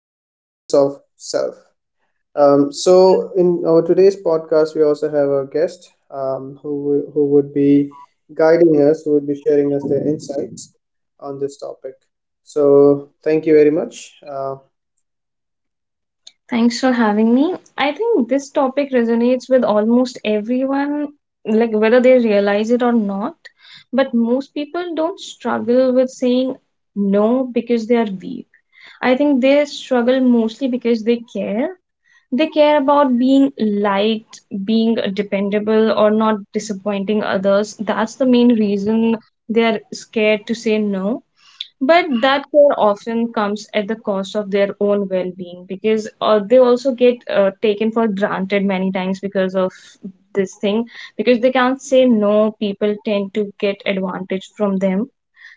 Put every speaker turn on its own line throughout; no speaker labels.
sense of self. So, in our today's podcast, we also have a guest who, who would be guiding us, who would be sharing us their insights on this topic. So, thank you very much.
Thanks for having me. I think this topic resonates with almost everyone, like whether they realize it or not. But most people don't struggle with saying no because they are weak. I think they struggle mostly because they care. They care about being liked, being dependable, or not disappointing others. That's the main reason they are scared to say no, but that care often comes at the cost of their own well being because they also get taken for granted many times because of this thing. Because they can't say no, people tend to get advantage from them.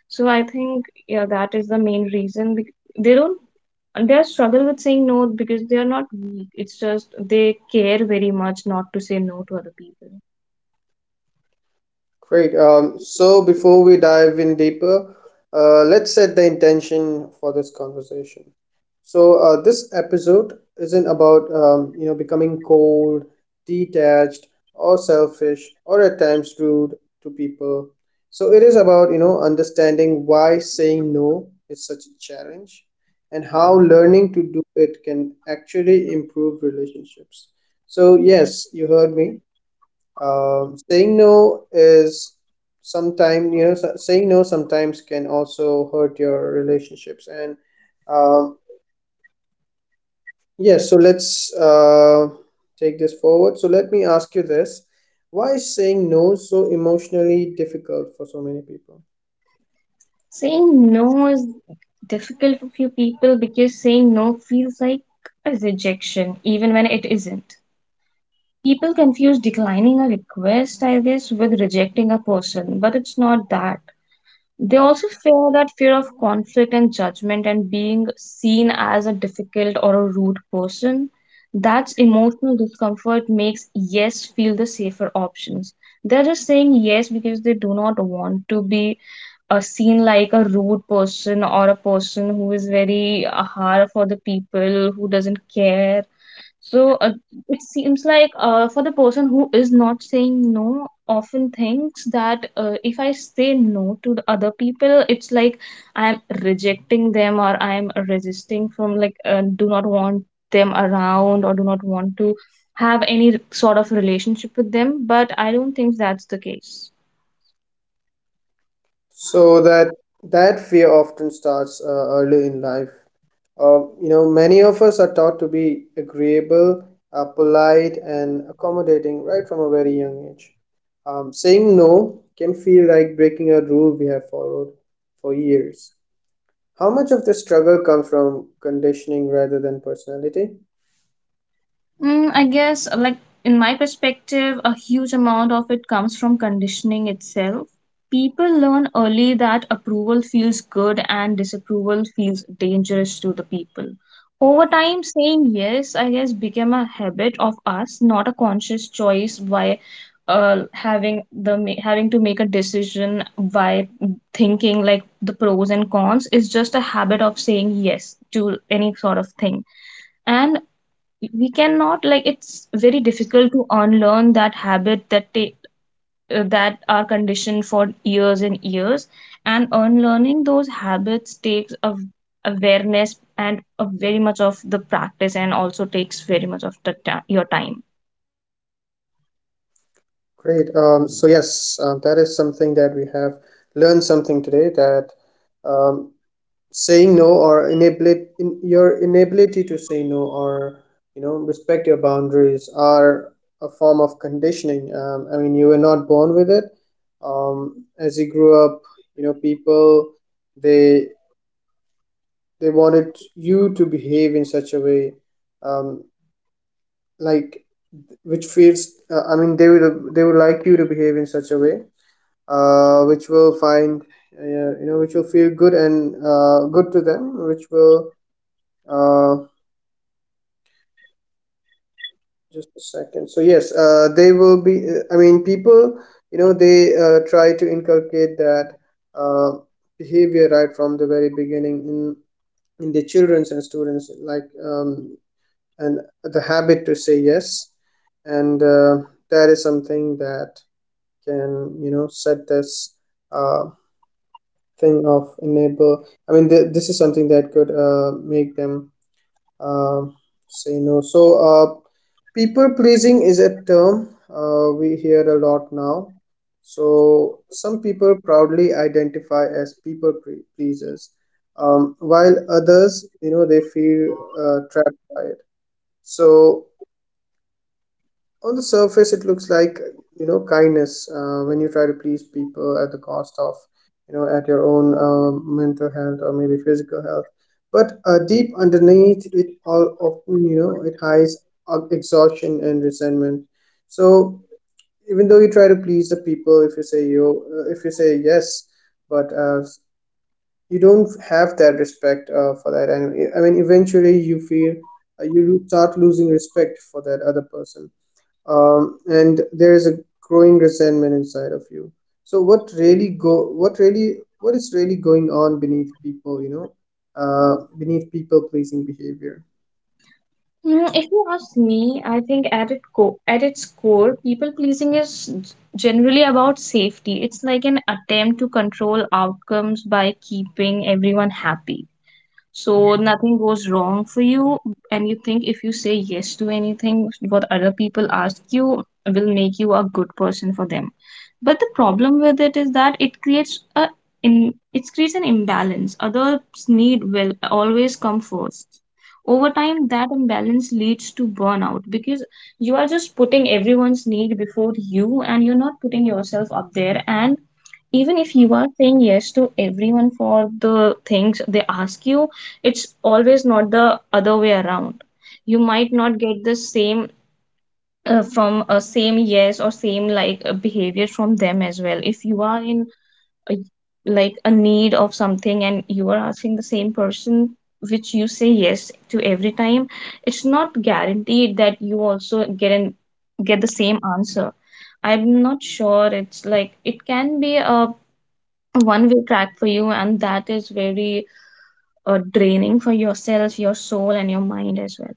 So I think, yeah, that is the main reason. They don't, they struggle with saying no because they are not weak. It's just they care very much not to say no to other people.
Great. So before we dive in deeper, let's set the intention for this conversation. So this episode isn't about you know becoming cold, detached, or selfish, or at times rude to people. So it is about you know understanding why saying no is such a challenge, and how learning to do it can actually improve relationships. So yes, you heard me. Saying no is sometimes, you know, saying no sometimes can also hurt your relationships. And um, yes, so let's take this forward. So let me ask you this. Why is saying no so emotionally difficult for so many people?
Saying no is difficult for few people because saying no feels like a rejection, even when it isn't. People confuse declining a request, I guess, with rejecting a person, but it's not that. They also fear of conflict and judgment, and being seen as a difficult or a rude person. That's emotional discomfort makes yes feel the safer options. They're just saying yes because they do not want to be seen like a rude person, or a person who is very hard for the people who doesn't care. So it seems like, for the person who is not saying no, often thinks that if I say no to the other people, it's like I am rejecting them, or I am resisting from, like, do not want them around, or do not want to have any sort of relationship with them. But I don't think that's the case.
So that fear often starts early in life. You know, many of us are taught to be agreeable, polite, and accommodating right from a very young age. Saying no can feel like breaking a rule we have followed for years. How much of the struggle comes from conditioning rather than personality?
Mm, I guess, like, in my perspective, a huge amount of it comes from conditioning itself. People learn early that approval feels good and disapproval feels dangerous to the people. Over time, saying yes, I guess, became a habit of us, not a conscious choice by having having to make a decision by thinking like the pros and cons, is just a habit of saying yes to any sort of thing. And we cannot, like, it's very difficult to unlearn that habit that are conditioned for years and years. And unlearning those habits takes of awareness and a very much of the practice, and also takes very much of your time.
Great. So yes, that is something that we have learned something today that um, saying no or inability in your inability to say no or you know respect your boundaries are a form of conditioning I mean you were not born with it. As you grew up you know people, they they wanted you to behave in such a way, um, like which feels I mean they would like you to behave in such a way which will find uh, you know which will feel good and good to them which will uh, just a second. So yes, they will be. I mean, people, you know, they try to inculcate that uh, behavior right from the very beginning in the childrens and students, like and the habit to say yes, and that is something that can you know set this uh, thing of enable. I mean, this is something that could make them uh, say no. So, people pleasing is a term we hear a lot now. So, some people proudly identify as people pleasers, while others, you know, they feel trapped by it. So, on the surface it looks like you know kindness when you try to please people at the cost of you know at your own mental health or maybe physical health but deep underneath it all often you know it hides exhaustion and resentment. So even though you try to please the people if you say you if you say yes but you don't have that respect for that and I mean eventually you feel you start losing respect for that other person. And there is a growing resentment inside of you. So what really what is really going on beneath people you know beneath people pleasing behavior?
Mm, if you ask me, I think at its core, people pleasing is generally about safety. It's like an attempt to control outcomes by keeping everyone happy so nothing goes wrong for you. And you think if you say yes to anything what other people ask you, will make you a good person for them. But the problem with it is that it creates a in it creates an imbalance. Others need will always come first. Over time, that imbalance leads to burnout because you are just putting everyone's need before you, and you're not putting yourself up there. And even if you are saying yes to everyone for the things they ask you, it's always not the other way around. You might not get the same from a same yes or same, like, behavior from them as well. If you are in a, like a need of something, and you are asking the same person which you say yes to every time, it's not guaranteed that you also get the same answer. I'm not sure. It's like it can be a one way track for you, and that is very draining for yourself, your soul, and your mind as well.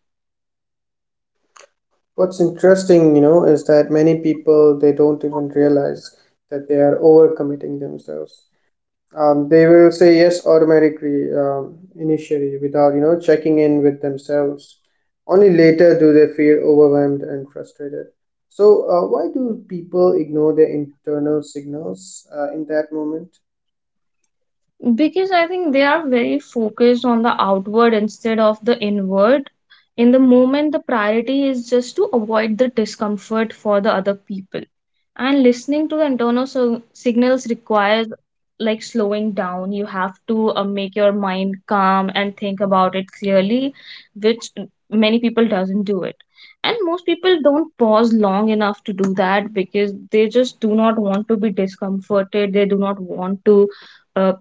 What's interesting you know is that many people they don't even realize that they are overcommitting themselves. They will say yes automatically initially without you know checking in with themselves. Only later do they feel overwhelmed and frustrated. So why do people ignore their internal signals in that moment?
Because I think they are very focused on the outward instead of the inward. In the moment, the priority is just to avoid the discomfort for the other people. And listening to the internal signals requires, like, slowing down. You have to make your mind calm and think about it clearly, which many people doesn't do it. And most people don't pause long enough to do that because they just do not want to be discomforted. They do not want to uh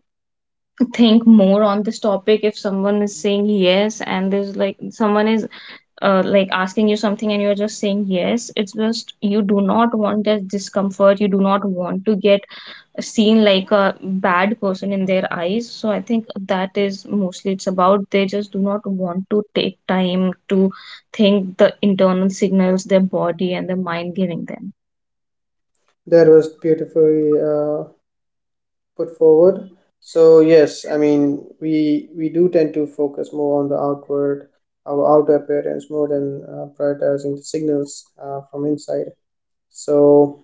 think more on this topic. If someone is saying yes, and there's like someone is like asking you something, and you're just saying yes, it's just you do not want that discomfort, you do not want to get seen like a bad person in their eyes. So I think that is mostly, it's about they just do not want to take time to think the internal signals their body and their mind giving them.
That was beautifully put forward. So yes, I mean we do tend to focus more on the outward, our outer appearance more than prioritizing the signals from inside. So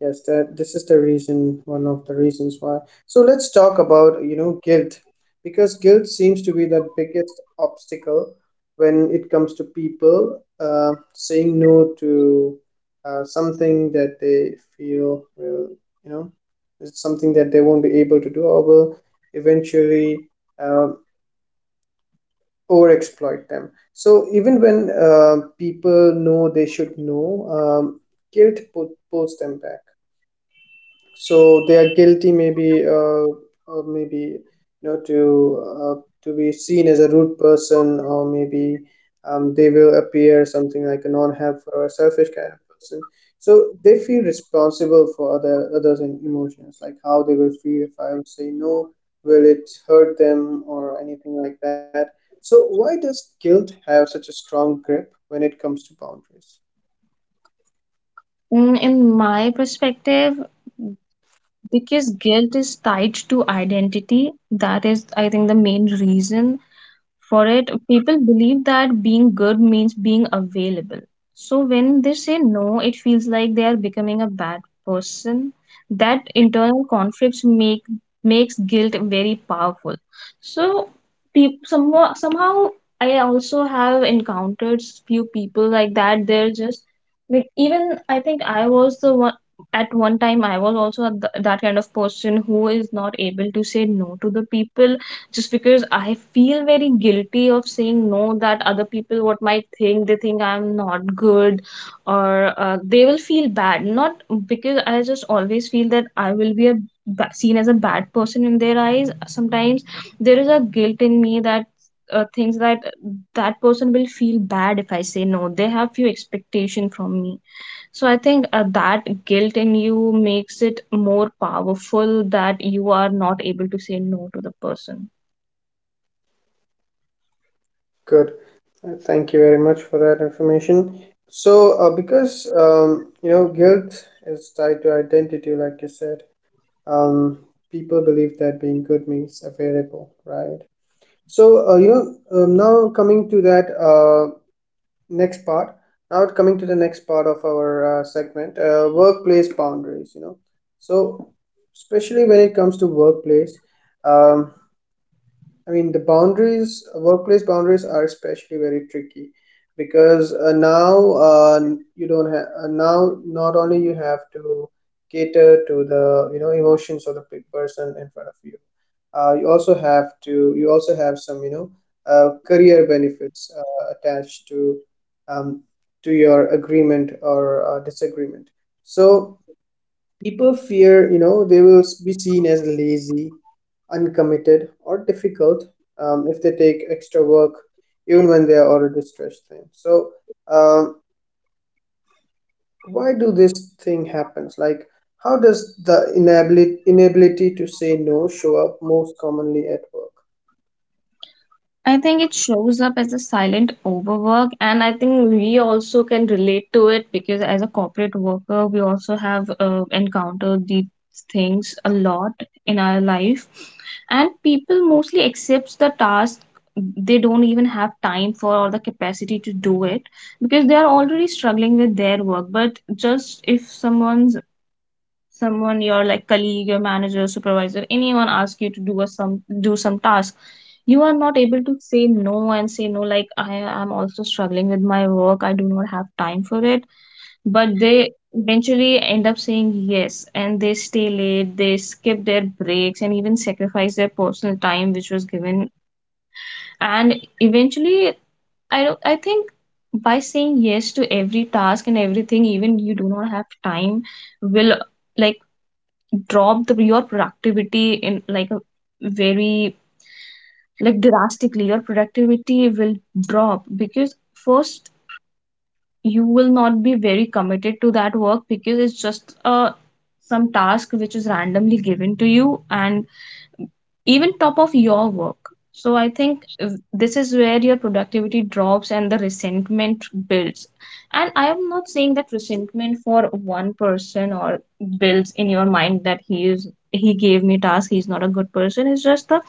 yes, that this is the reason, one of the reasons why. So let's talk about, you know, guilt, because guilt seems to be the biggest obstacle when it comes to people saying no to something that they feel will, you know, is something that they won't be able to do or will eventually uh, overexploit them. So even when people know they should know, guilt put, pulls them back. So they are guilty maybe or maybe you know to be seen as a rude person or maybe they will appear something like a non-helpful or a selfish kind of person. So they feel responsible for other others and emotions like how they will feel if I would say no, will it hurt them or anything like that. So why does guilt have such a strong grip when it comes to boundaries?
Mm, in my perspective, because guilt is tied to identity. That is, I think, the main reason for it. People believe that being good means being available, so when they say no, it feels like they are becoming a bad person. That internal conflicts makes guilt very powerful. So, somehow, I also have encountered few people like that. They're just like, even I think I was the one. At one time, I was also that kind of person who is not able to say no to the people, just because I feel very guilty of saying no, that other people what might think, they think I'm not good, or they will feel bad. Not because, I just always feel that I will be a seen as a bad person in their eyes. Sometimes there is a guilt in me that, things that that person will feel bad if I say no, they have few expectation from me. So I think that guilt in you makes it more powerful, that you are not able to say no to the person.
Good. Thank you very much for that information. So, because you know, guilt is tied to identity, like you said, um, people believe that being good means available, right? So, you know, now coming to that next part, now coming to the next part of our segment, workplace boundaries, you know. So, especially when it comes to workplace, um, I mean, the boundaries, workplace boundaries are especially very tricky because now you don't have, now not only you have to cater to the, you know, emotions of the person in front of you, you also have to, you also have some, you know, career benefits attached um, to your agreement or disagreement. So, people fear, you know, they will be seen as lazy, uncommitted, or difficult if they take extra work, even when they are already stressed thin. So, um, why do this thing happens? Like, how does the inability to say no show up most commonly at work?
I think it shows up as a silent overwork, and I think we also can relate to it, because as a corporate worker, we also have encountered these things a lot in our life. And people mostly accepts the task they don't even have time for, or the capacity to do it, because they are already struggling with their work. But just if someone, your like colleague, your manager, supervisor, anyone ask you to do a some do some task, you are not able to say no and say no like, I am also struggling with my work, I do not have time for it. But they eventually end up saying yes, and they stay late, they skip their breaks, and even sacrifice their personal time which was given. And eventually, I don't I think by saying yes to every task and everything, even you do not have time, will, like, drop the your productivity in, like, a very, like, drastically your productivity will drop. Because first, you will not be very committed to that work, because it's just a some task which is randomly given to you and even top of your work. So I think this is where your productivity drops and the resentment builds. And I am not saying that resentment for one person, or builds in your mind that he gave me task, he's not a good person. It's just the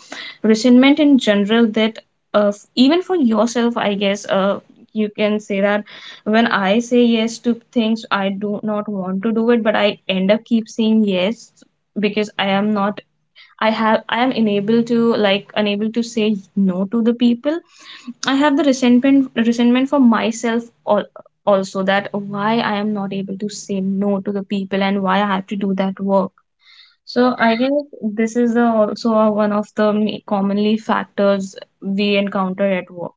resentment in general, that even for yourself, I guess, you can say that when I say yes to things, I do not want to do it, but I end up keep saying yes because I am not I am unable to, like, unable to say no to the people. I have the resentment for myself, also, that why I am not able to say no to the people, and why I have to do that work. So I guess this is one of the commonly factors we encounter at work.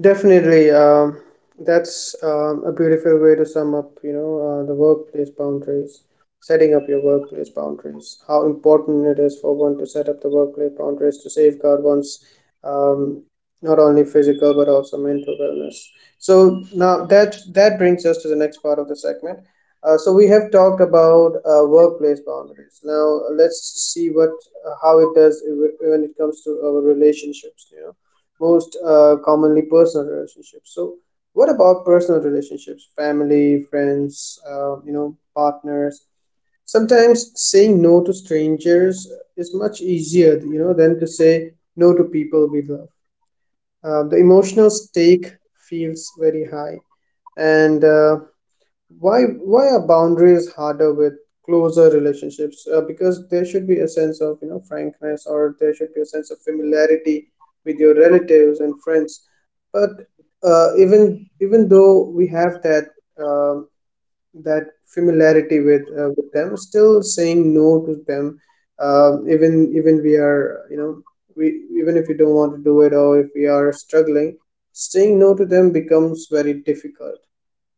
Definitely, that's a beautiful way to sum up, you know, the workplace boundaries, setting up your workplace boundaries, how important it is for one to set up the workplace boundaries to safeguard one's um, not only physical but also mental wellness. So now that that brings us to the next part of the segment. So we have talked about workplace boundaries. Now let's see what how it does when it comes to our relationships, you know most commonly personal relationships. So, what about personal relationships? Family, friends, you know, partners. Sometimes saying no to strangers is much easier, you know, than to say no to people we love. The emotional stake feels very high, and why are boundaries harder with closer relationships because there should be a sense of you know frankness or there should be a sense of familiarity with your relatives and friends, but even even though we have that um that familiarity with them still saying no to them even even we are you know we even if you don't want to do it or if we are struggling, saying no to them becomes very difficult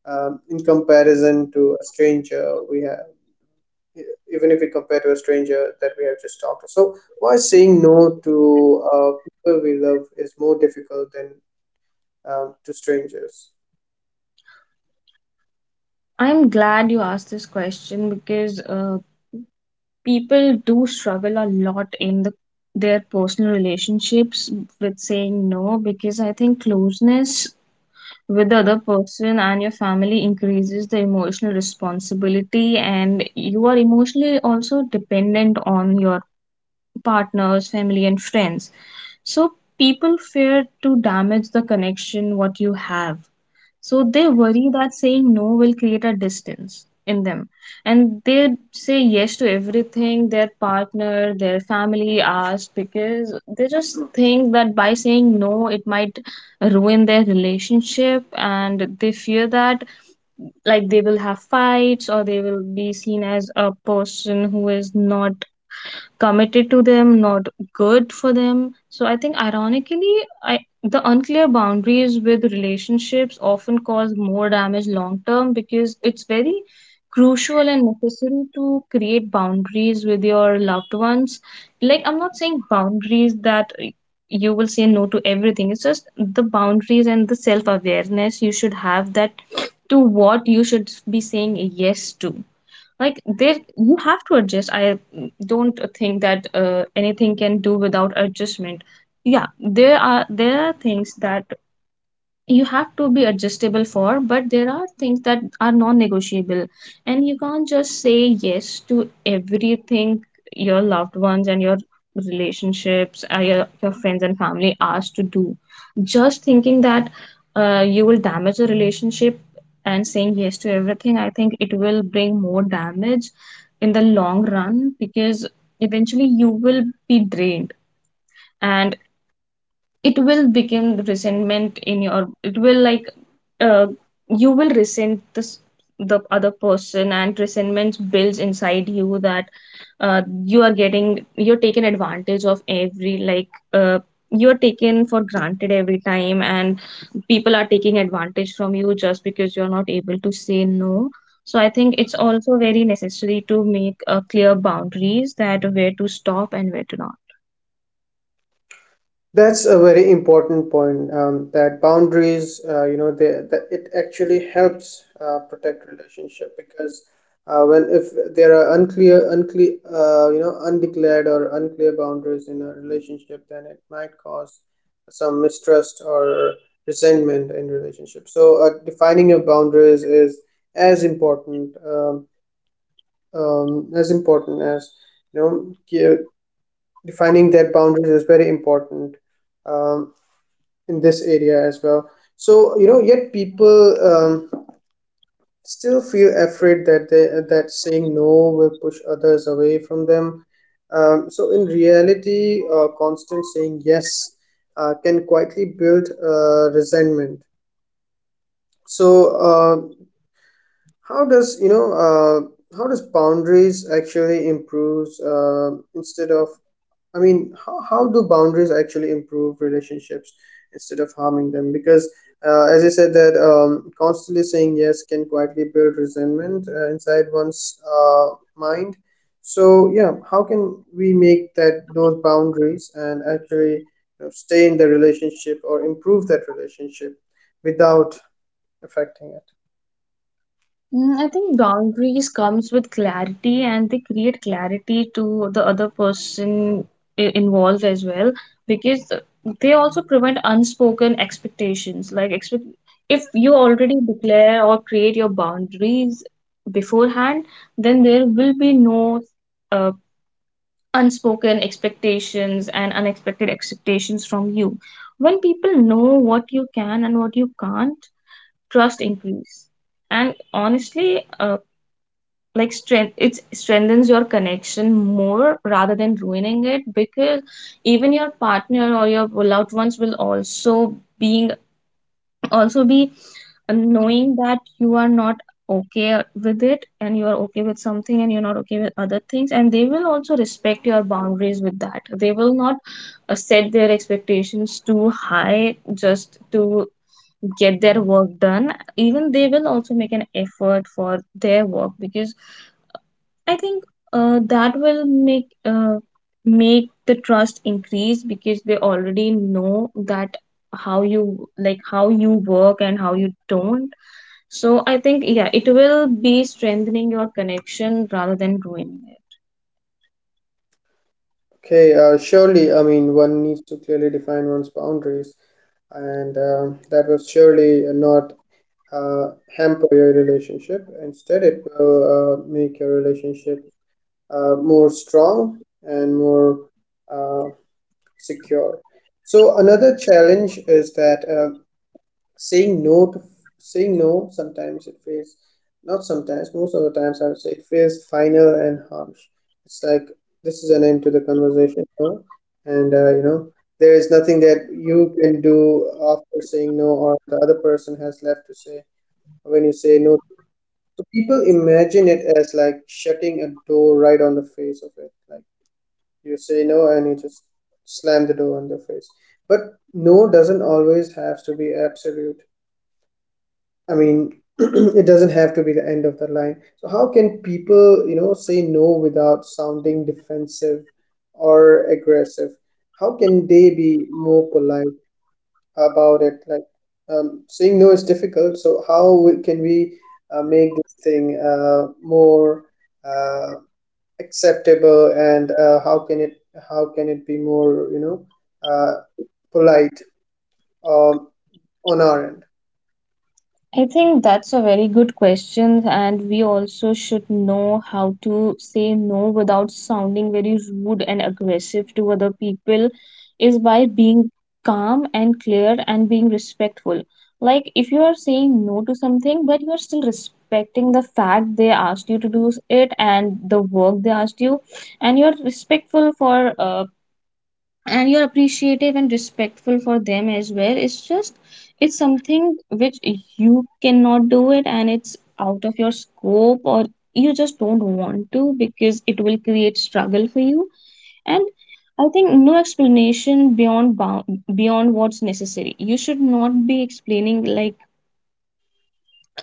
in comparison to a stranger we have, even if we compare to a stranger that we have just talked to. So why saying no to people we love is more difficult than to strangers?
I'm glad you asked this question, because people do struggle a lot in their personal relationships with saying no, because I think closeness with the other person and your family increases the emotional responsibility, and you are emotionally also dependent on your partners, family, and friends. So people fear to damage the connection what you have, so they worry that saying no will create a distance in them. And they say yes to everything their partner, their family asks, because they just think that by saying no, it might ruin their relationship. And they fear that, like, they will have fights, or they will be seen as a person who is not committed to them, not good for them. So I think, ironically, I the unclear boundaries with relationships often cause more damage long term, because it's very crucial and necessary to create boundaries with your loved ones. Like, I'm not saying boundaries that you will say no to everything. It's just the boundaries and the self awareness you should have that to what you should be saying yes to. Like there you have to adjust. I don't think that anything can do without adjustment. Yeah, there are things that you have to be adjustable for, but there are things that are non-negotiable, and you can't just say yes to everything your loved ones and your relationships, your friends and family asked to do, just thinking that you will damage the relationship. And saying yes to everything, I think it will bring more damage in the long run, because eventually you will be drained, and it will become resentment in your, it will, like, uh, you will resent this the other person, and resentment builds inside you that you are getting, you're taken advantage of every, like, uh, you're taken for granted every time, and people are taking advantage from you just because you're not able to say no. So I think it's also very necessary to make clear boundaries, that where to stop and where to not.
That's a very important point. That boundaries, you know, they, that it actually helps protect relationship because when if there are unclear, you know, undeclared or unclear boundaries in a relationship, then it might cause some mistrust or resentment in relationship. So defining your boundaries is as important, as important as you know, defining that boundaries is very important. Um, in this area as well, so you know yet people still feel afraid that they that saying no will push others away from them. So in reality constant saying yes can quietly build resentment. So uh, how does you know how does boundaries actually improves instead of, I mean how do boundaries actually improve relationships instead of harming them? Because as you said that constantly saying yes can quietly build resentment inside one's mind. So yeah, how can we make that those boundaries and actually you know, stay in the relationship or improve that relationship without affecting it?
Mm, I think boundaries comes with clarity and they create clarity to the other person involved as well, because they also prevent unspoken expectations. Like, expect if you already declare or create your boundaries beforehand, then there will be no uh, unspoken expectations and unexpected expectations from you. When people know what you can and what you can't, trust increase. And honestly, like strength it strengthens your connection more rather than ruining it, because even your partner or your loved ones will also being also be knowing that you are not okay with it and you are okay with something and you're not okay with other things, and they will also respect your boundaries. With that, they will not set their expectations too high just to get their work done. Even they will also make an effort for their work, because I think that will make the trust increase, because they already know that how you, like how you work and how you don't. So I think, yeah, it will be strengthening your connection rather than ruining it.
Okay, surely, I mean, one needs to clearly define one's boundaries, and that will surely not uh, hamper your relationship. Instead, it will make your relationship more strong and more uh, secure. So, another challenge is that saying no to saying no sometimes it feels not sometimes most of the times, I would say, it feels final and harsh. It's like this is an end to the conversation, no? And there is nothing that you can do after saying no, or the other person has left to say when you say no. So people imagine it as like shutting a door right on the face of it, like you say no and you just slam the door on their face. But no doesn't always have to be absolute. I mean, it doesn't have to be the end of the line. So how can people, say no without sounding defensive or aggressive? How can they be more polite about it? Like, saying no is difficult. So can we make this thing more uh, acceptable, and how can it be more, uh, polite um, on our end?
I think that's a very good question, and we also should know how to say no without sounding very rude and aggressive to other people is by being calm and clear and being respectful. Like, if you are saying no to something, but you are still respecting the fact they asked you to do it and the work they asked you, and you're respectful for, and you're appreciative and respectful for them as well, it's just it's something which you cannot do it, and it's out of your scope, or you just don't want to because it will create struggle for you. And I think no explanation beyond beyond what's necessary, you should not be explaining, like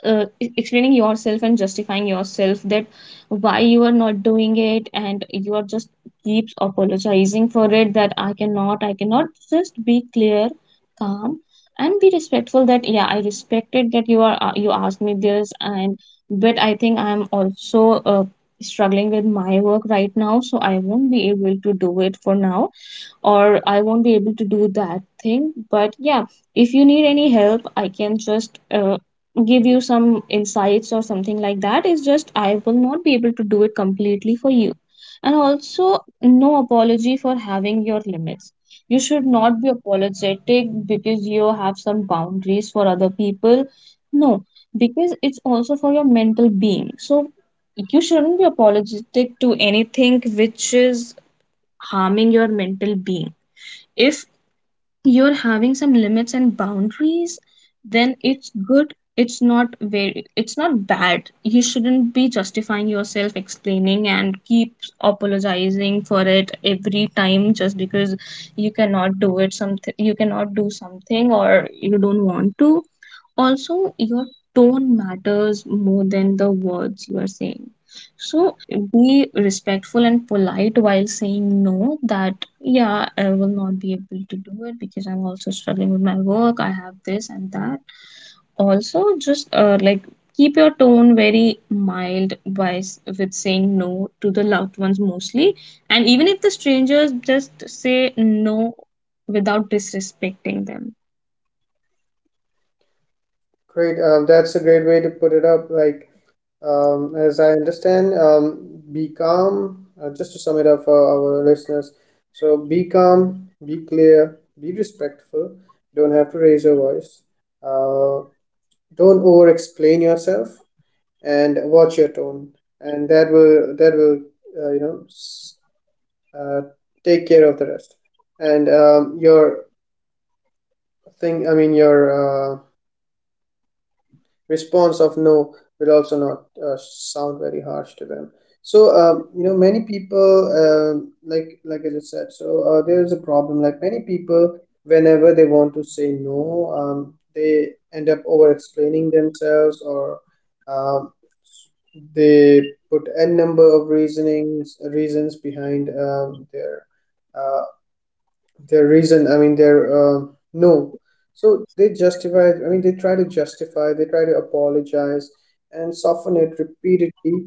explaining yourself and justifying yourself that why you are not doing it, and you are just keeps apologizing for it. That I cannot, I cannot just be clear, calm, and be respectful, that yeah, I respected that you are, you asked me this, and but I think I'm also struggling with my work right now, so I won't be able to do it for now or I won't be able to do that thing. But yeah, if you need any help, I can just give you some insights or something like that. It's just I will not be able to do it completely for you. And also, no apology for having your limits. You should not be apologetic because you have some boundaries for other people. No, because it's also for your mental being. So you shouldn't be apologetic to anything which is harming your mental being. If you're having some limits and boundaries, then it's good. It's not very, it's not bad. You shouldn't be justifying yourself, explaining, and keep apologizing for it every time just because you cannot do it something, you cannot do something, or you don't want to. Also, your tone matters more than the words you are saying. So be respectful and polite while saying no, that yeah, I will not be able to do it because I'm also struggling with my work. I have this and that. Also, just, like, keep your tone very mild by with saying no to the loved ones mostly. And even if the strangers, just say no without disrespecting them.
Great. That's a great way to put it up. As I understand, be calm. Just to sum it up for our listeners, so be calm, be clear, be respectful. You don't have to raise your voice. Uh, don't over-explain yourself, and watch your tone. And that will you know s- uh, take care of the rest. And your I mean your uh. response of no will also not sound very harsh to them. So many people, uh, like I just said, so there is a problem. Like many people, whenever they want to say no, they end up over explaining themselves, or um, they put n number of reasonings reasons behind uh, their reason I mean their no. So they justify, I mean, they try to justify, they try to apologize and soften it repeatedly.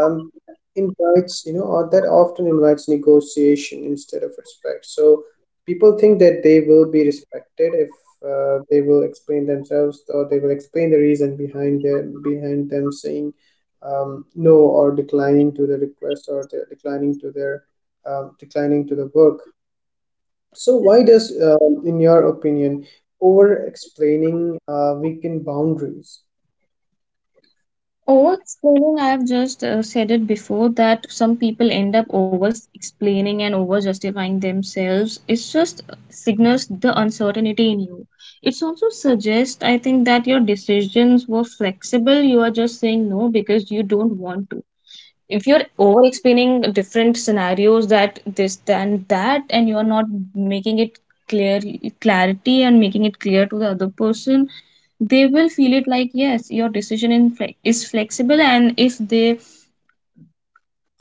Um invites you know or that often invites negotiation instead of respect. So people think that they will be respected if they will explain themselves, or they will explain the reason behind them saying no, or declining to the request, or the declining to their declining to the work. So why does, in your opinion, over-explaining weaken boundaries?
Over explaining, I've just said it before that some people end up over explaining and over justifying themselves. It's just signals the uncertainty in you. It's also suggests, I think, that your decisions were flexible. You are just saying no because you don't want to. If you're over explaining different scenarios, that this, then that, and you're not making it clear, clarity and making it clear to the other person, they will feel it, like, yes, your decision is flexible, and if they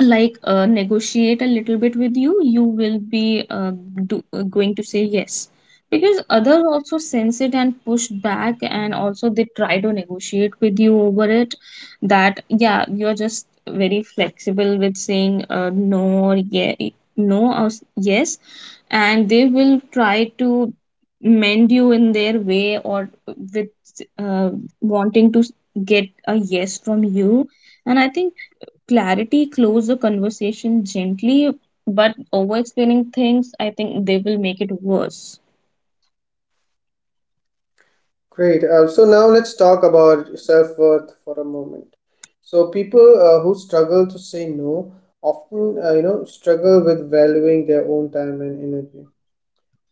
like negotiate a little bit with you, you will be, going to say yes, because others also sense it and push back, and also they try to negotiate with you over it, that yeah, you're just very flexible with saying no or yeah, no yes, and they will try to mend you in their way, or with uh, wanting to get a yes from you. And I think clarity close the conversation gently, but over explaining things, I think they will make it worse.
Great. So now let's talk about self-worth for a moment. So people who struggle to say no often struggle with valuing their own time and energy.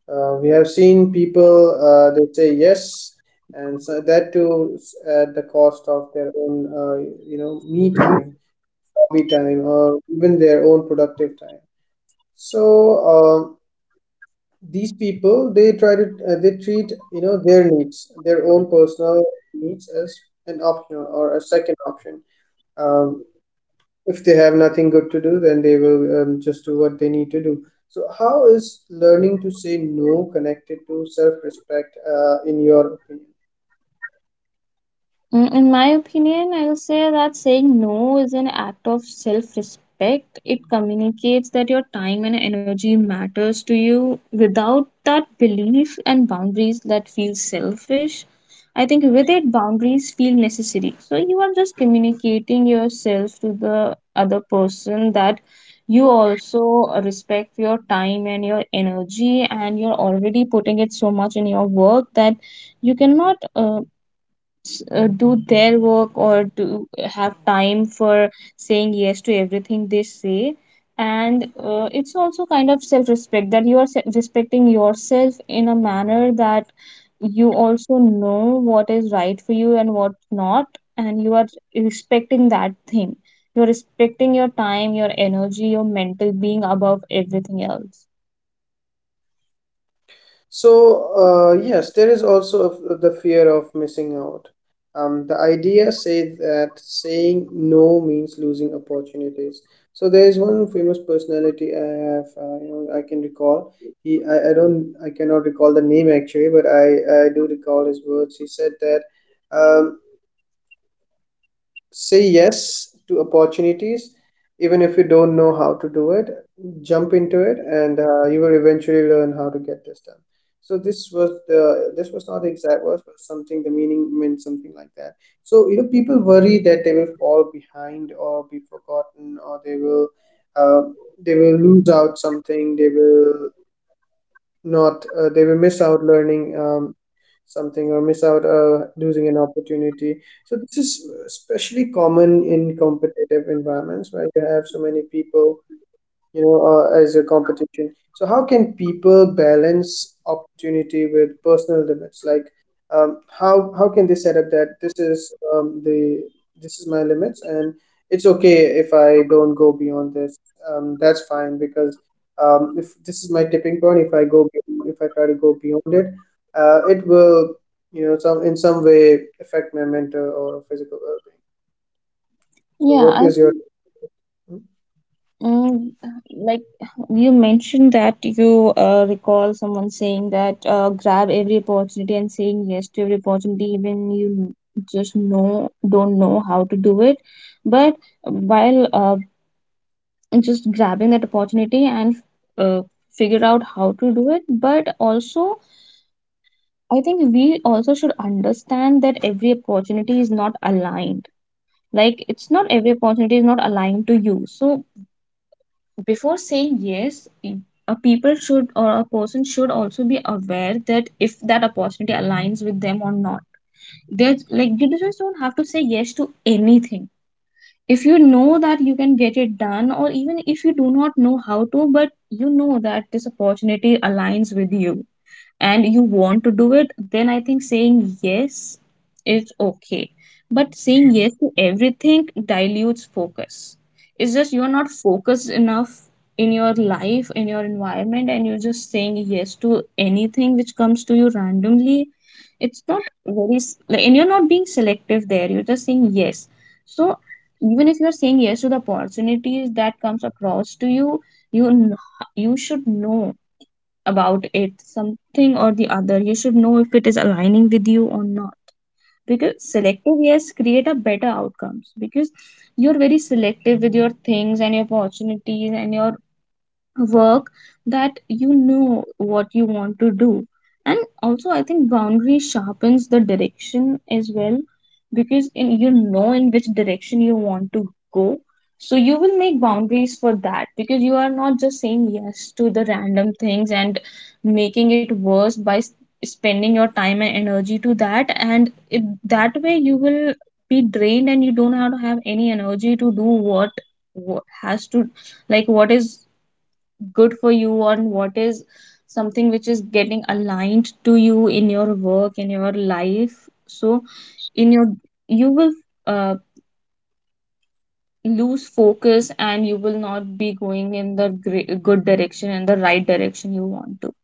We have seen people, they say yes, and so that too at the cost of their own, me time, hobby time, or even their own productive time. So, um, these people, they try to they treat, you know, their own personal needs as an optional or a second option. um, if they have nothing good to do, then they will just do what they need to do. So how is learning to say no connected to self-respect, in your opinion?
Mm, in my opinion, I'll say that saying no is an act of self respect. It communicates that your time and energy matters to you. Without that belief and boundaries that feel selfish, I think with it, boundaries feel necessary. So you are just communicating yourself to the other person that you also respect your time and your energy, and you're already putting it so much in your work that you cannot. Do their work, or to have time for saying yes to everything they say. And it's also kind of self respect, that you are respecting yourself in a manner that you also know what is right for you and what not, and you are respecting that thing. You're respecting your time, your energy, your mental being above everything else.
So, yes, there is also the fear of missing out. The idea says that saying no means losing opportunities. So there is one famous personality I have, I can recall. I cannot recall the name actually, but I do recall his words. He said that, um say yes to opportunities even if you don't know how to do it. Jump into it, and you will eventually learn how to get this done. So this was not the exact words, but something the meaning meant something like that. So, you know, people worry that they will fall behind or be forgotten, or they will uh, lose out something, they will not they will miss out learning something, or miss out losing an opportunity. So this is especially common in competitive environments where you have so many people, you know, as a competition. So how can people balance opportunity with personal limits? Like, how can they set up that this is the this is my limits, and it's okay if I don't go beyond this. That's fine because if this is my tipping point, if I go beyond, if I try to go beyond it, it will, you know, some in some way affect my mental or physical well-being. So
Yeah,
what
I
is your
think. Mm, like you mentioned that you recall someone saying that grab every opportunity and saying yes to every opportunity even you just know don't know how to do it, but while just grabbing that opportunity and uh, figure out how to do it. But also I think we also should understand that every opportunity is not aligned. Like, it's not, every opportunity is not aligned to you. So before saying yes, a people should or a person should also be aware that if that opportunity aligns with them or not. There's, like, you just don't have to say yes to anything. If you know that you can get it done, or even if you do not know how to, but you know that this opportunity aligns with you and you want to do it, then I think saying yes is okay. But saying yes to everything dilutes focus. It's just you're not focused enough in your life, in your environment, and you're just saying yes to anything which comes to you randomly. It's not very, like, and you're not being selective there. You're just saying yes. So even if you're saying yes to the opportunities that comes across to you, you kn- you should know about it, something or the other. You should know if it is aligning with you or not. Because selective yes create a better outcomes because you're very selective with your things and your opportunities and your work that you know what you want to do. And also, I think boundary sharpens the direction as well, because you know in which direction you want to go, so you will make boundaries for that because you are not just saying yes to the random things and making it worse by spending your time and energy to that. And that way you will be drained and you don't have to have any energy to do what has to, what is good for you, and what is something which is getting aligned to you in your work, in your life. So in your, you will uh, lose focus and you will not be going in the good direction, in the right direction you want to.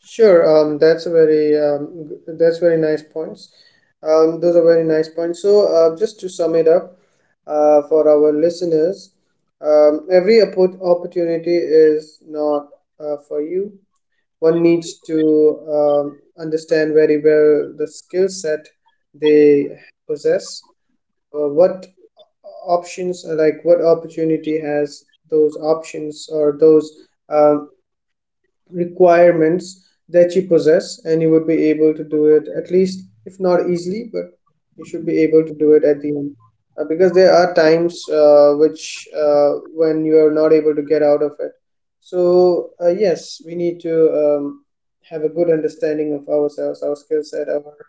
Sure, that's a very that's very nice points. Those are very nice points. So, just to sum it up, for our listeners, every opportunity is not for you. One needs to understand very well the skill set they possess, or what options, like what opportunity has those options or those. Um, Requirements that you possess, and you would be able to do it at least, if not easily, but you should be able to do it at the end. Because there are times which when you are not able to get out of it. So yes, we need to have a good understanding of ourselves, our skill set, our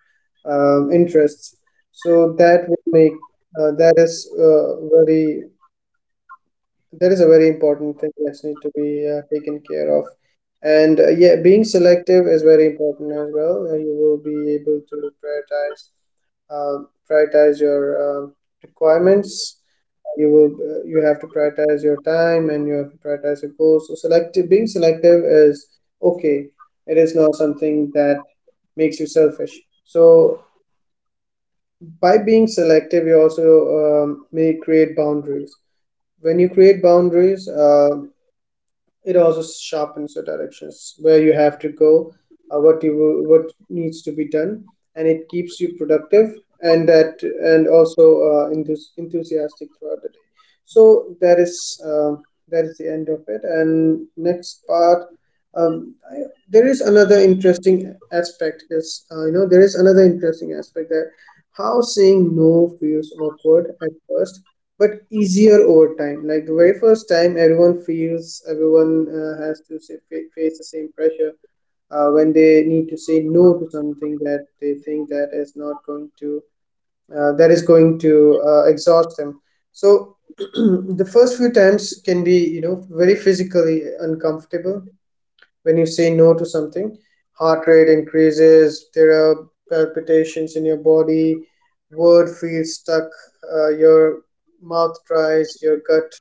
interests. So that would make uh, that is uh, very That is a very important thing that needs to be taken care of. And yeah, being selective is very important as well. You will be able to prioritize your um requirements. You will you have to prioritize your time, and you have to prioritize your goals. So selective being selective is okay. It is not something that makes you selfish. So by being selective, you also may create boundaries. When you create boundaries, it also sharpens your directions where you have to go, uh, what you what needs to be done, and it keeps you productive, and that and also enthusiastic throughout the day. So that is the end of it. And next part, um, I, there is another interesting aspect is you know there is another interesting aspect: that how saying no feels awkward at first but easier over time. Like the very first time, everyone has to face the same pressure when they need to say no to something that they think that is not going to exhaust them. So the first few times can be, you know, very physically uncomfortable. When you say no to something, heart rate increases, there are palpitations in your body, word feels stuck, your mouth dries, your gut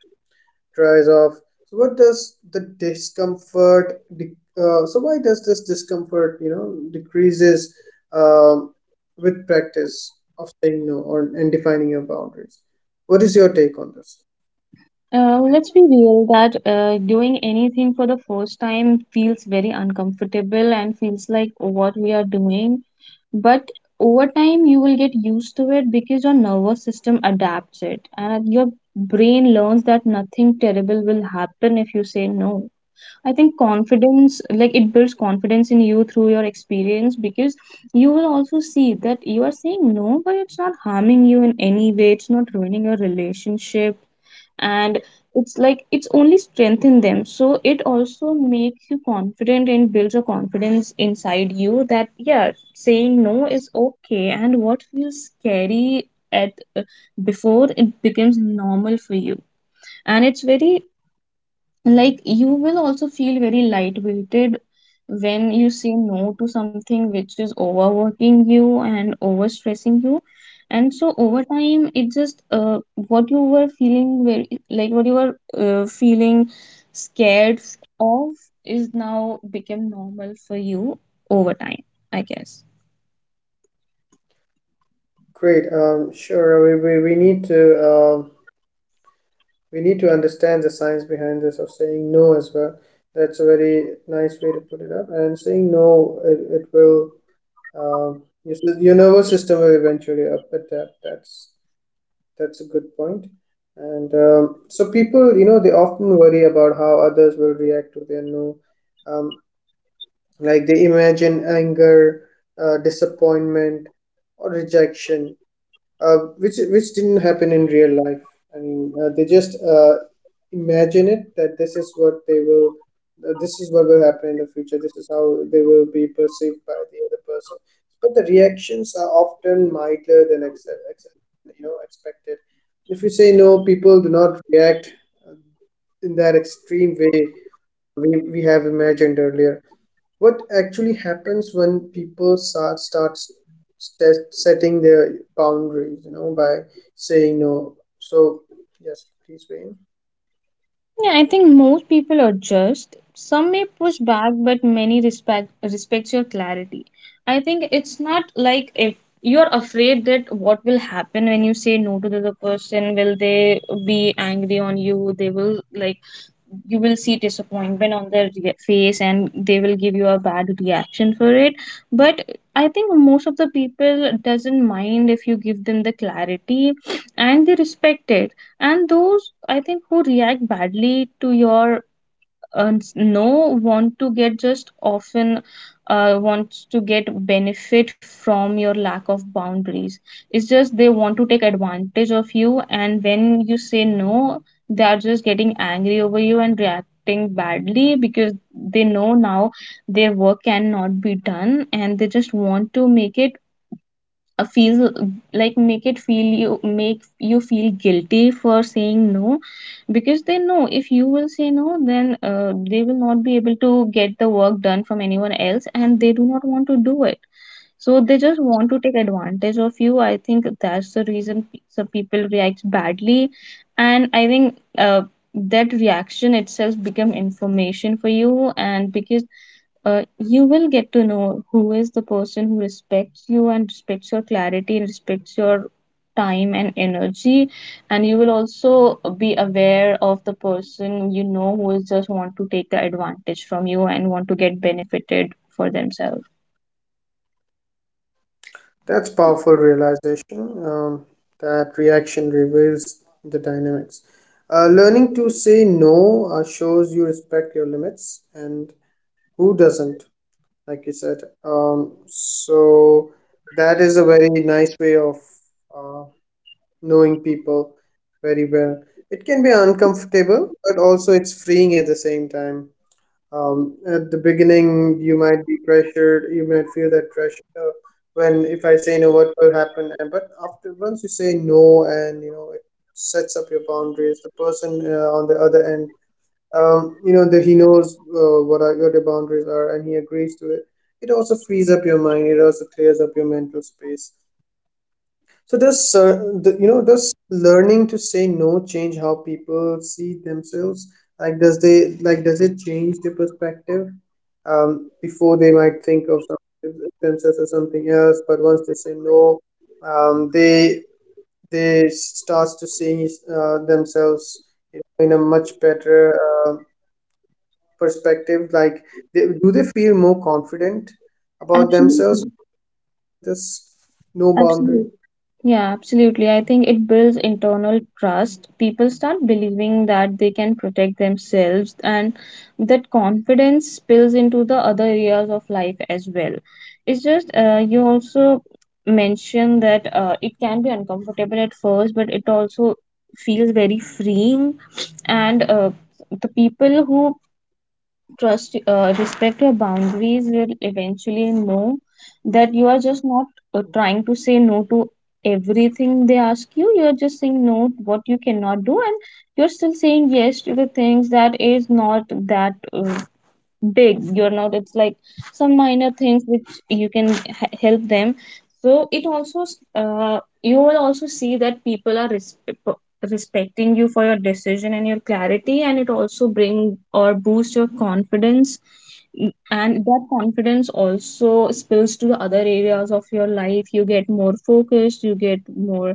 dries off. So what does the discomfort de- so why does this discomfort, you know, decreases um, with practice of saying no, or and defining your boundaries? What is your take on this?
Let's be real that doing anything for the first time feels very uncomfortable and feels like what we are doing. But over time you will get used to it because your nervous system adapts it, and your brain learns that nothing terrible will happen if you say no. I think confidence, like it builds confidence in you through your experience, because you will also see that you are saying no but it's not harming you in any way, it's not ruining your relationship. And it's like it's only strengthen them, so it also makes you confident and builds a confidence inside you that yeah, saying no is okay. And what feels scary at before, it becomes normal for you. And it's very, like you will also feel very lightweighted when you say no to something which is overworking you and overstressing you. And so over time it just what you were feeling very, like what you were feeling scared of, is now become normal for you over time, I guess.
Great. Sure, um, we need to understand the science behind this of saying no as well. That's a very nice way to put it up. And saying no, it will, um, your, your nervous system will eventually up adapt. That's a good point. And so people, you know, they often worry about how others will react to their no, um, like they imagine anger, disappointment, or rejection, which didn't happen in real life. I mean, they just imagine it that this is what they will, this is what will happen in the future. This is how they will be perceived by the other person. But the reactions are often milder than ex ex you know, expected. If you say no, people do not react uh, in that extreme way we have imagined earlier. What actually happens when people start setting their boundaries, you know, by saying no? So yes, please, Wayne.
Yeah, I think most people are just. Some may push back, but many respect respects your clarity. I think it's not like if you're afraid that what will happen when you say no to the other person, will they be angry on you? They will like, you will see disappointment on their face and they will give you a bad reaction for it. But I think most of the people doesn't mind if you give them the clarity, and they respect it. And those I think who react badly to your and no, want to get just often, wants to get benefit from your lack of boundaries. It's just they want to take advantage of you, and when you say no they are just getting angry over you and reacting badly because they know now their work cannot be done, and they just want to make it feel, like make it feel you, make you feel guilty for saying no, because they know if you will say no then they will not be able to get the work done from anyone else and they do not want to do it. So they just want to take advantage of you. I think that's the reason some people react badly, and I think that reaction itself become information for you. And because you will get to know who is the person who respects you and respects your clarity and respects your time and energy. And you will also be aware of the person, you know, who is just want to take the advantage from you and want to get benefited for themselves.
That's powerful realization. That reaction reveals the dynamics. Learning to say no shows you respect your limits and who doesn't, like you said. So that is a very nice way of uh, knowing people very well. It can be uncomfortable, but also it's freeing at the same time. At the beginning, you might be pressured. You might feel that pressure when, if I say no, what will happen? And but after once you say no, and you know, it sets up your boundaries. The person on the other end, you know that he knows what are what your boundaries are, and he agrees to it. It also frees up your mind. It also clears up your mental space. So does the, you know does learning to say no change how people see themselves? Like does they like does it change their perspective? Before, they might think of themselves as something else, but once they say no, um, they they starts to see themselves in a much better uh, perspective. Like, they, do they feel more confident about themselves?
Absolutely.
With this no boundary.
Absolutely. Yeah, absolutely. I think it builds internal trust. People start believing that they can protect themselves, and that confidence spills into the other areas of life as well. It's just, you also mentioned that it can be uncomfortable at first, but it also feels very freeing. And the people who trust respect your boundaries will eventually know that you are just not trying to say no to everything they ask you. You are just saying no to what you cannot do, and you're still saying yes to the things that is not that big. You're not, it's like some minor things which you can help them. So it also you will also see that people are respecting you for your decision and your clarity, and it also bring or boost your confidence. Mm, and that confidence also spills to the other areas of your life. You get more focused, you get more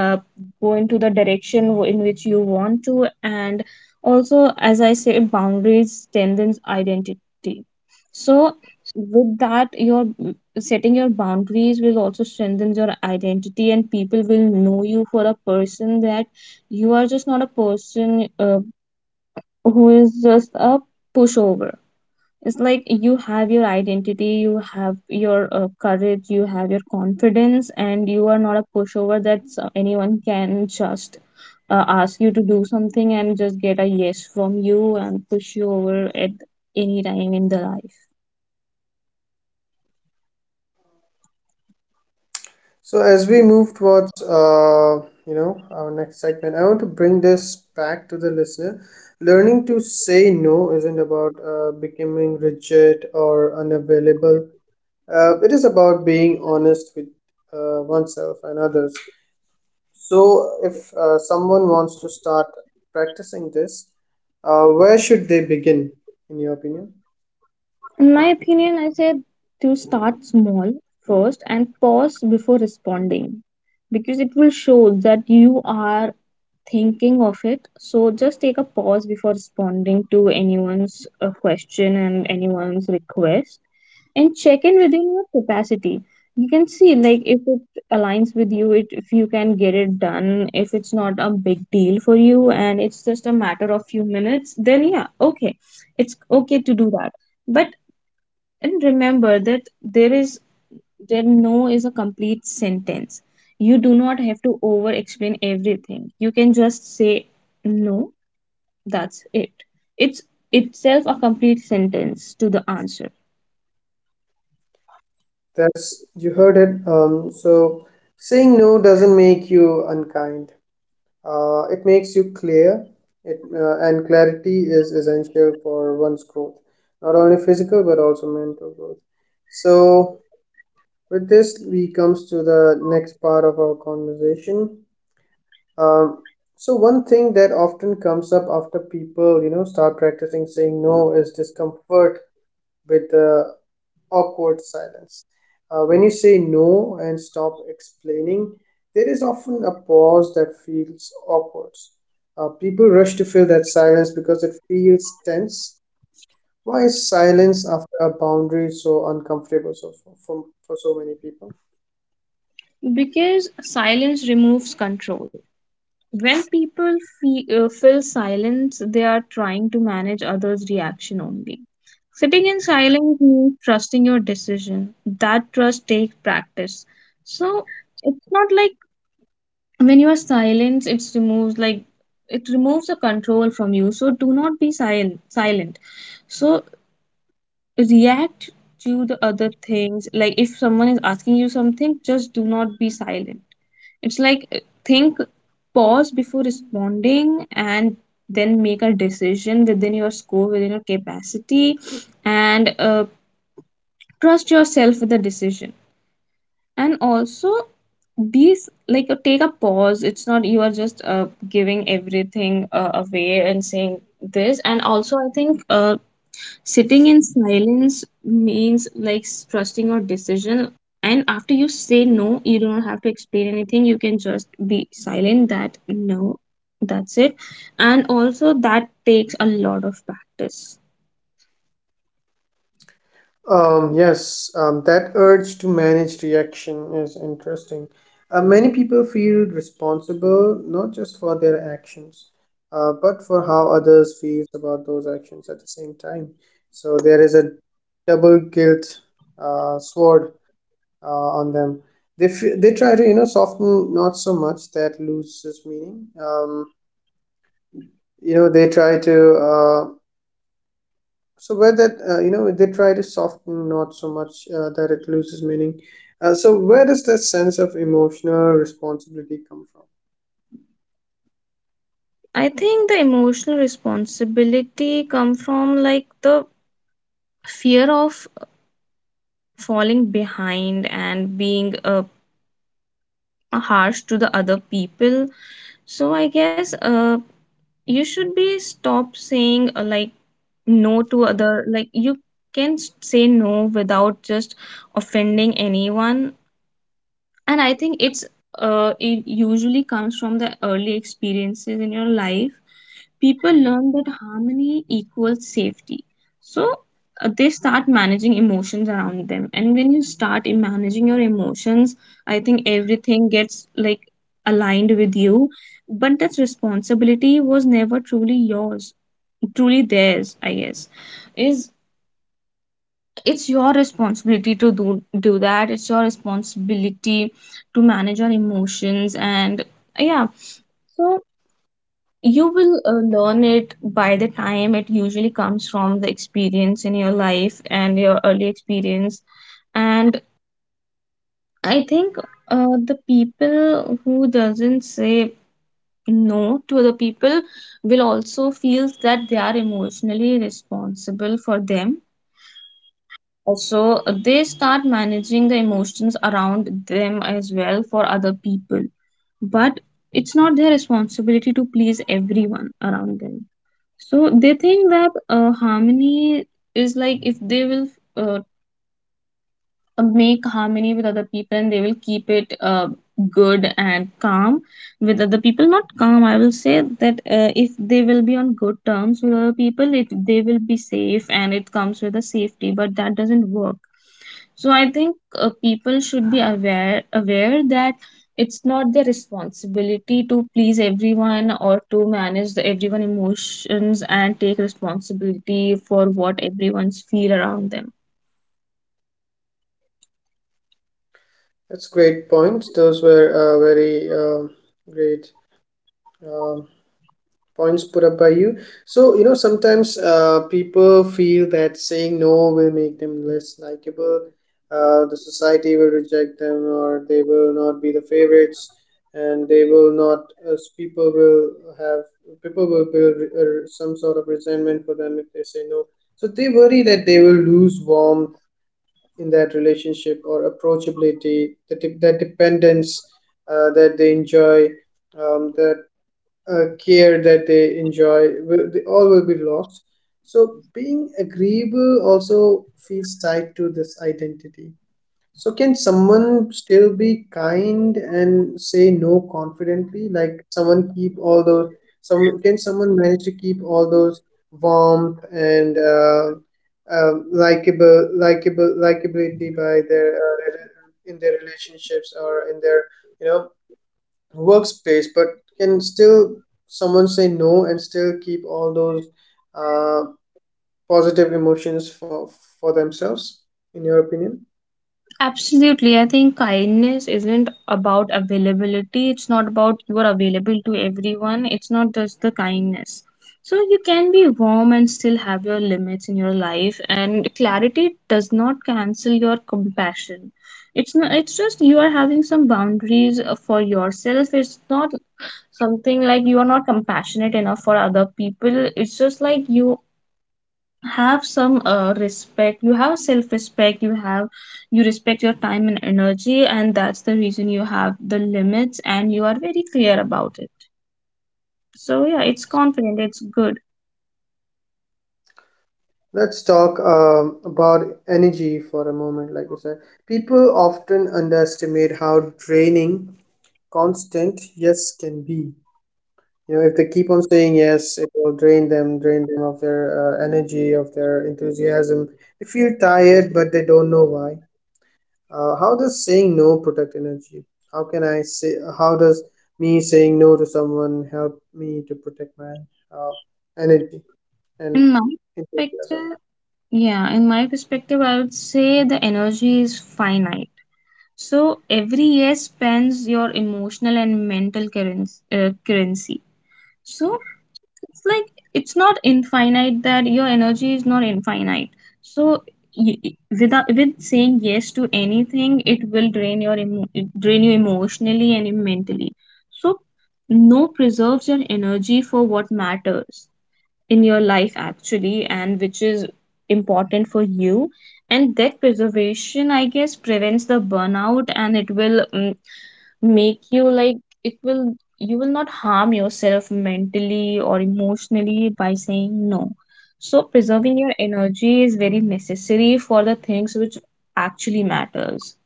uh, go into the direction in which you want to. And also as I say, boundaries strengthens identity. So with that, your setting your boundaries will also strengthen your identity, and people will know you for a person that you are just not a person who is just a pushover. It's like you have your identity, you have your courage, you have your confidence, and you are not a pushover that anyone can just ask you to do something and just get a yes from you and push you over at any time in the life.
So as we move towards you know our next segment, I want to bring this back to the listener. Learning to say no isn't about becoming rigid or unavailable. It is about being honest with oneself and others. So if someone wants to start practicing this, where should they begin, in your opinion?
In my opinion, I said to start small first and pause before responding, because it will show that you are thinking of it. So just take a pause before responding to anyone's question and anyone's request, and check in within your capacity. You can see, like if it aligns with you, it, if you can get it done, if it's not a big deal for you and it's just a matter of few minutes, then yeah, okay. It's okay to do that. But and remember that there is, then no is a complete sentence. You do not have to over explain everything. You can just say no, that's it. It's itself a complete sentence to the answer.
That's you heard it. So saying no doesn't make you unkind. It makes you clear, and clarity is essential for one's growth, not only physical but also mental growth. So, with this, we comes to the next part of our conversation. Um, so, one thing that often comes up after people, you know, start practicing saying no is discomfort with the awkward silence. When you say no and stop explaining, there is often a pause that feels awkward. People rush to fill that silence because it feels tense. Why is silence after a boundary so uncomfortable so for so many people?
Because silence removes control. When people feel, feel silence, they are trying to manage others' reaction only. Sitting in silence means trusting your decision. That trust takes practice. So it's not like when you are silent it removes, like it removes the control from you, so do not be silent. So react to the other things, like if someone is asking you something, just do not be silent. It's like think, pause before responding and then make a decision within your scope, within your capacity. And trust yourself with the decision. And also these, like take a pause, it's not you are just giving everything away and saying this. And also I think sitting in silence means like trusting your decision. And after you say no you don't have to explain anything, you can just be silent that no, that's it. And also that takes a lot of practice.
Yes, that urge to manage reaction is interesting. Many people feel responsible not just for their actions, but for how others feel about those actions at the same time. So there is a double guilt sword uh, on them. They try to you know soften not so much that loses meaning. You know they try to. Uh, so where that you know they try to soften not so much that it loses meaning, so where does that sense of emotional responsibility come from?
I think the emotional responsibility come from like the fear of falling behind and being harsh to the other people. So I guess you should be stop saying like no to other, like you can say no without just offending anyone. And I think it's it usually comes from the early experiences in your life. People learn that harmony equals safety. So they start managing emotions around them, and when you start in managing your emotions, I think everything gets like aligned with you. But that responsibility was never truly yours, truly theirs I guess. Is, it's your responsibility to do, do that, it's your responsibility to manage your emotions and yeah. So you will learn it by the time. It usually comes from the experience in your life and your early experience. And I think the people who doesn't say no to other people will also feel that they are emotionally responsible for them. Also, they start managing the emotions around them as well for other people. But it's not their responsibility to please everyone around them. So they think that harmony is, like if they will uh, make harmony with other people and they will keep it good and calm with other people, not calm I will say that if they will be on good terms with other people, it they will be safe and it comes with a safety, but that doesn't work. So I think people should be aware that it's not their responsibility to please everyone or to manage the everyone emotions and take responsibility for what everyone's feel around them.
That's great points. Those were very great um points put up by you. So you know sometimes people feel that saying no will make them less likable, the society will reject them or they will not be the favorites and they will not people will have, people will build some sort of resentment for them if they say no. So they worry that they will lose warmth in that relationship or approachability, that dependence that they enjoy, that care that they enjoy, will they all will be lost. So being agreeable also feels tied to this identity. So can someone still be kind and say no confidently, like someone keep all those, some, can someone manage to keep all those warmth and likable likable likability by their in their relationships or in their you know workspace, but can still someone say no and still keep all those uh, positive emotions for themselves, in your opinion?
Absolutely. I think kindness isn't about availability. It's not about you are available to everyone. It's not just the kindness. So you can be warm and still have your limits in your life, and clarity does not cancel your compassion. It's not, it's just you are having some boundaries for yourself. It's not something like you are not compassionate enough for other people. It's just like you have some respect, you have self respect, you have, you respect your time and energy, and that's the reason you have the limits and you are very clear about it. So yeah, it's confident, it's good.
Let's talk about energy for a moment. Like you said, people often underestimate how draining constant yes can be. You know if they keep on saying yes it will drain them of their energy, of their enthusiasm. They feel tired but they don't know why. How does saying no protect energy? How can I say? How does me saying no to someone help me to protect my uh, energy and
In my
enthusiasm?
perspective, yeah in my perspective I would say the energy is finite. So every year spends your emotional and mental currency, currency. So it's like it's not infinite, that your energy is not infinite. So y- without, with saying yes to anything, it will drain your drain you emotionally and mentally. So no preserves your energy for what matters in your life actually, and which is important for you. And that preservation I guess prevents the burnout, and it will make you like, it will, you will not harm yourself mentally or emotionally by saying no. So preserving your energy is very necessary for the things which actually matters.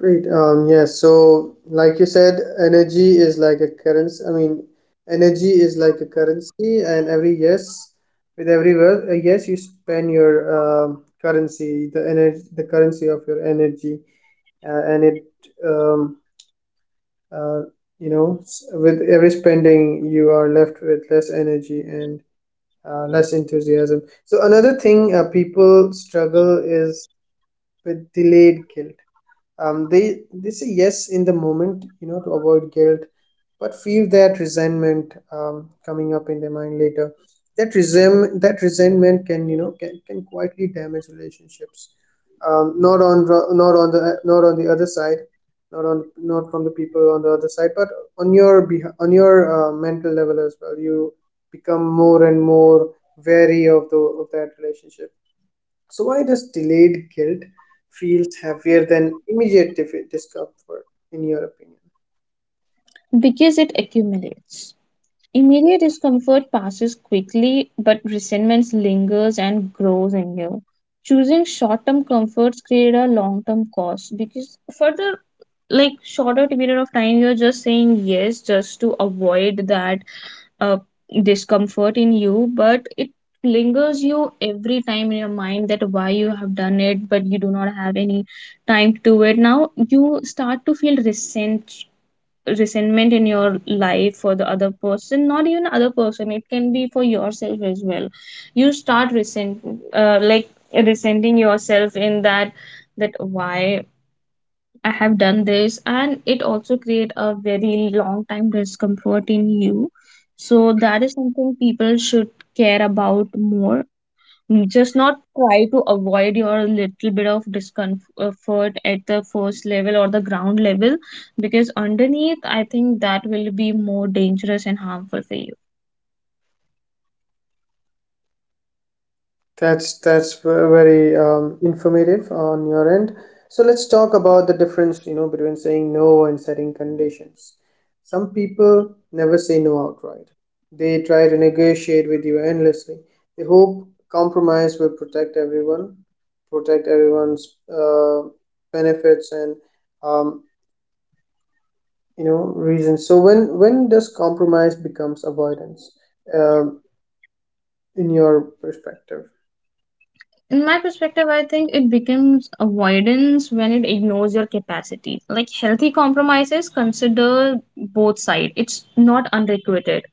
Great. Yes. So, like you said, energy is like a currency. I mean, energy is like a currency, and every yes, with every word, yes, you spend your currency, the energy, the currency of your energy, and it um uh, you know with every spending you are left with less energy and less enthusiasm. So another thing people struggle is with delayed guilt. um, they they say yes in the moment you know to avoid guilt but feel that resentment coming up in their mind later. That resentment can you know can quietly damage relationships, um, not on not on the other side, not on not from the people on the other side, but on on your mental level as well. You become more and more wary of the of that relationship. So, why does delayed guilt feels heavier than immediate discomfort, in your opinion?
Because it accumulates. Immediate discomfort passes quickly, but resentment lingers and grows in you. Choosing short-term comforts create a long-term cost, because for the like shorter period of time you're just saying yes just to avoid that uh, discomfort in you, but it lingers you every time in your mind, that why you have done it, but you do not have any time to do it. Now you start to feel resentment in your life for the other person, not even other person, it can be for yourself as well. You start resent, like resenting yourself in that, that why I have done this, and it also create a very long time discomfort in you. So that is something people should care about more. Just not try to avoid your little bit of discomfort at the first level or the ground level, because underneath, I think that will be more dangerous and harmful for you.
That's very informative on your end. So let's talk about the difference, you know, between saying no and setting conditions. Some people never say no outright. They try to negotiate with you endlessly. They hope compromise will protect everyone, protect everyone's benefits and um, you know reasons. So when does compromise becomes avoidance, um, in your perspective?
In my perspective, I think it becomes avoidance when it ignores your capacity. Like healthy compromises consider both sides, it's not unrequited.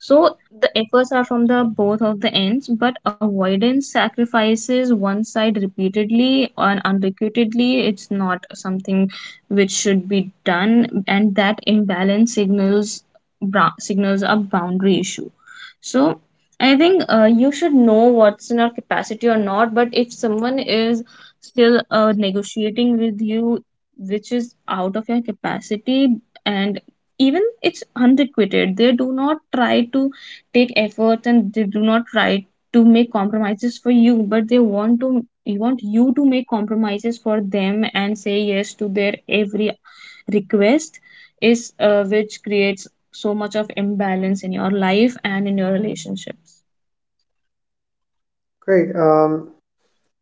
So the efforts are from the both of the ends, but avoidance sacrifices one side repeatedly and unrequitetedly. It's not something which should be done, and that imbalance signals signals a boundary issue. So I think you should know what's in your capacity or not. But if someone is still negotiating with you, which is out of your capacity, and even it's unrequited, they do not try to take efforts and they do not try to make compromises for you, but they want to, they want you to make compromises for them and say yes to their every request, is which creates so much of imbalance in your life and in your relationships.
Great. Um,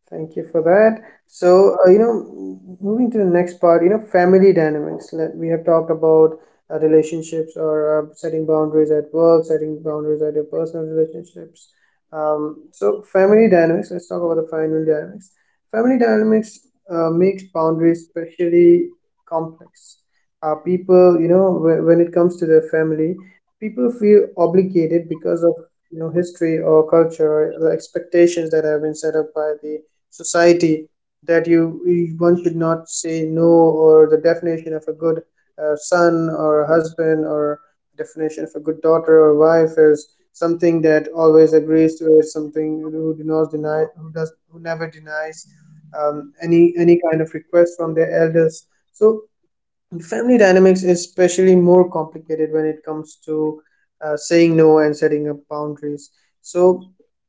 Thank you for that. So, you know, moving to the next part, you know, family dynamics. Let, we have talked about relationships or setting boundaries at work, setting boundaries at your personal relationships. So, family dynamics, let's talk about the family dynamics. Family dynamics makes boundaries especially complex. People, you know, when it comes to their family, people feel obligated because of, you know, history or culture or the expectations that have been set up by the society that you, one should not say no, or the definition of a good son or a husband, or a definition of a good daughter or wife is something that always agrees to it, something who do not deny, who does, who never denies any kind of request from their elders. So family dynamics is especially more complicated when it comes to saying no and setting up boundaries. So,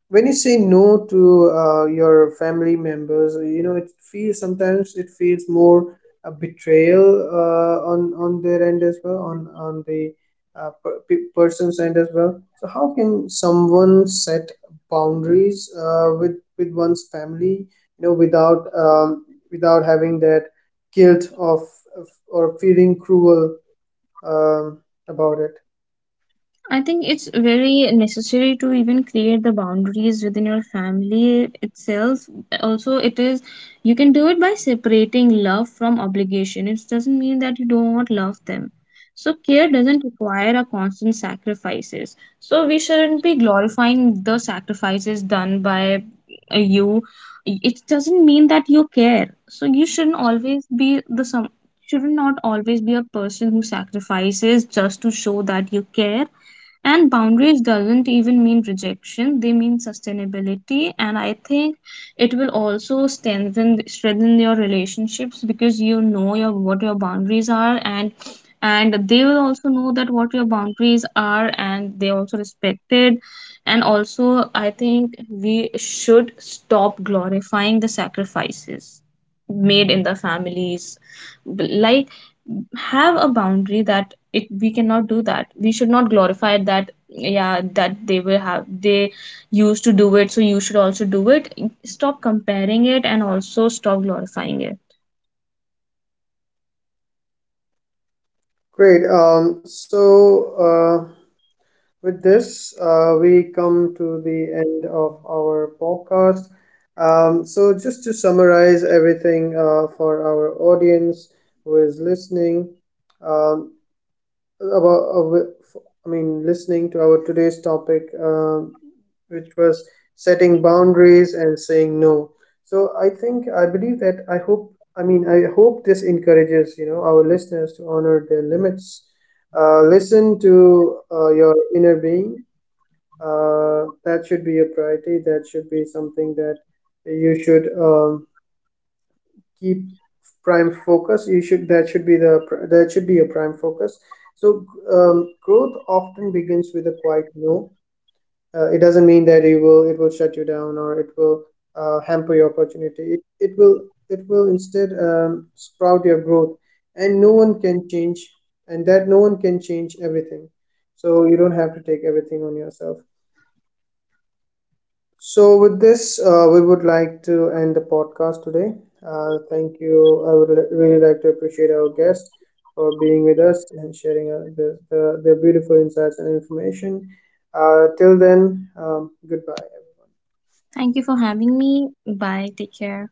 when you say no to your family members, you know it feels, sometimes it feels more a betrayal on their end as well, on person's end as well. So, how can someone set boundaries with one's family? You know, without without having that guilt of or feeling cruel um, about it.
I think it's very necessary to even create the boundaries within your family itself. Also, it is, you can do it by separating love from obligation. It doesn't mean that you don't love them. So care doesn't require a constant sacrifices. So we shouldn't be glorifying the sacrifices done by you. It doesn't mean that you care. So you shouldn't always be the some, should not always be a person who sacrifices just to show that you care. And boundaries doesn't even mean rejection, they mean sustainability. And I think it will also strengthen your relationships, because you know your what your boundaries are, and they will also know that what your boundaries are and they also respect it. And also I think we should stop glorifying the sacrifices made in the families. Like have a boundary that it, we cannot do that. We should not glorify that yeah, that they will have, they used to do it so you should also do it. Stop comparing it, and also stop glorifying it.
Great. So uh, with this, we come to the end of our podcast. So just to summarize everything for our audience who is listening um, I mean, listening to our today's topic, which was setting boundaries and saying no. So I think I believe that I hope I mean I hope this encourages you know our listeners to honor their limits, listen to your inner being. Uh, that should be a priority, that should be something that you should keep prime focus. You should, that should be the that should be a prime focus. So growth often begins with a quiet no. It doesn't mean that you will it will shut you down or it will hamper your opportunity. It will instead sprout your growth. And no one can change and That no one can change everything, so you don't have to take everything on yourself. So with this we would like to end the podcast today. Uh, thank you. I would really like to appreciate our guest for being with us and sharing their beautiful insights and information. Uh, till then, goodbye, everyone.
Thank you for having me. Bye, take care.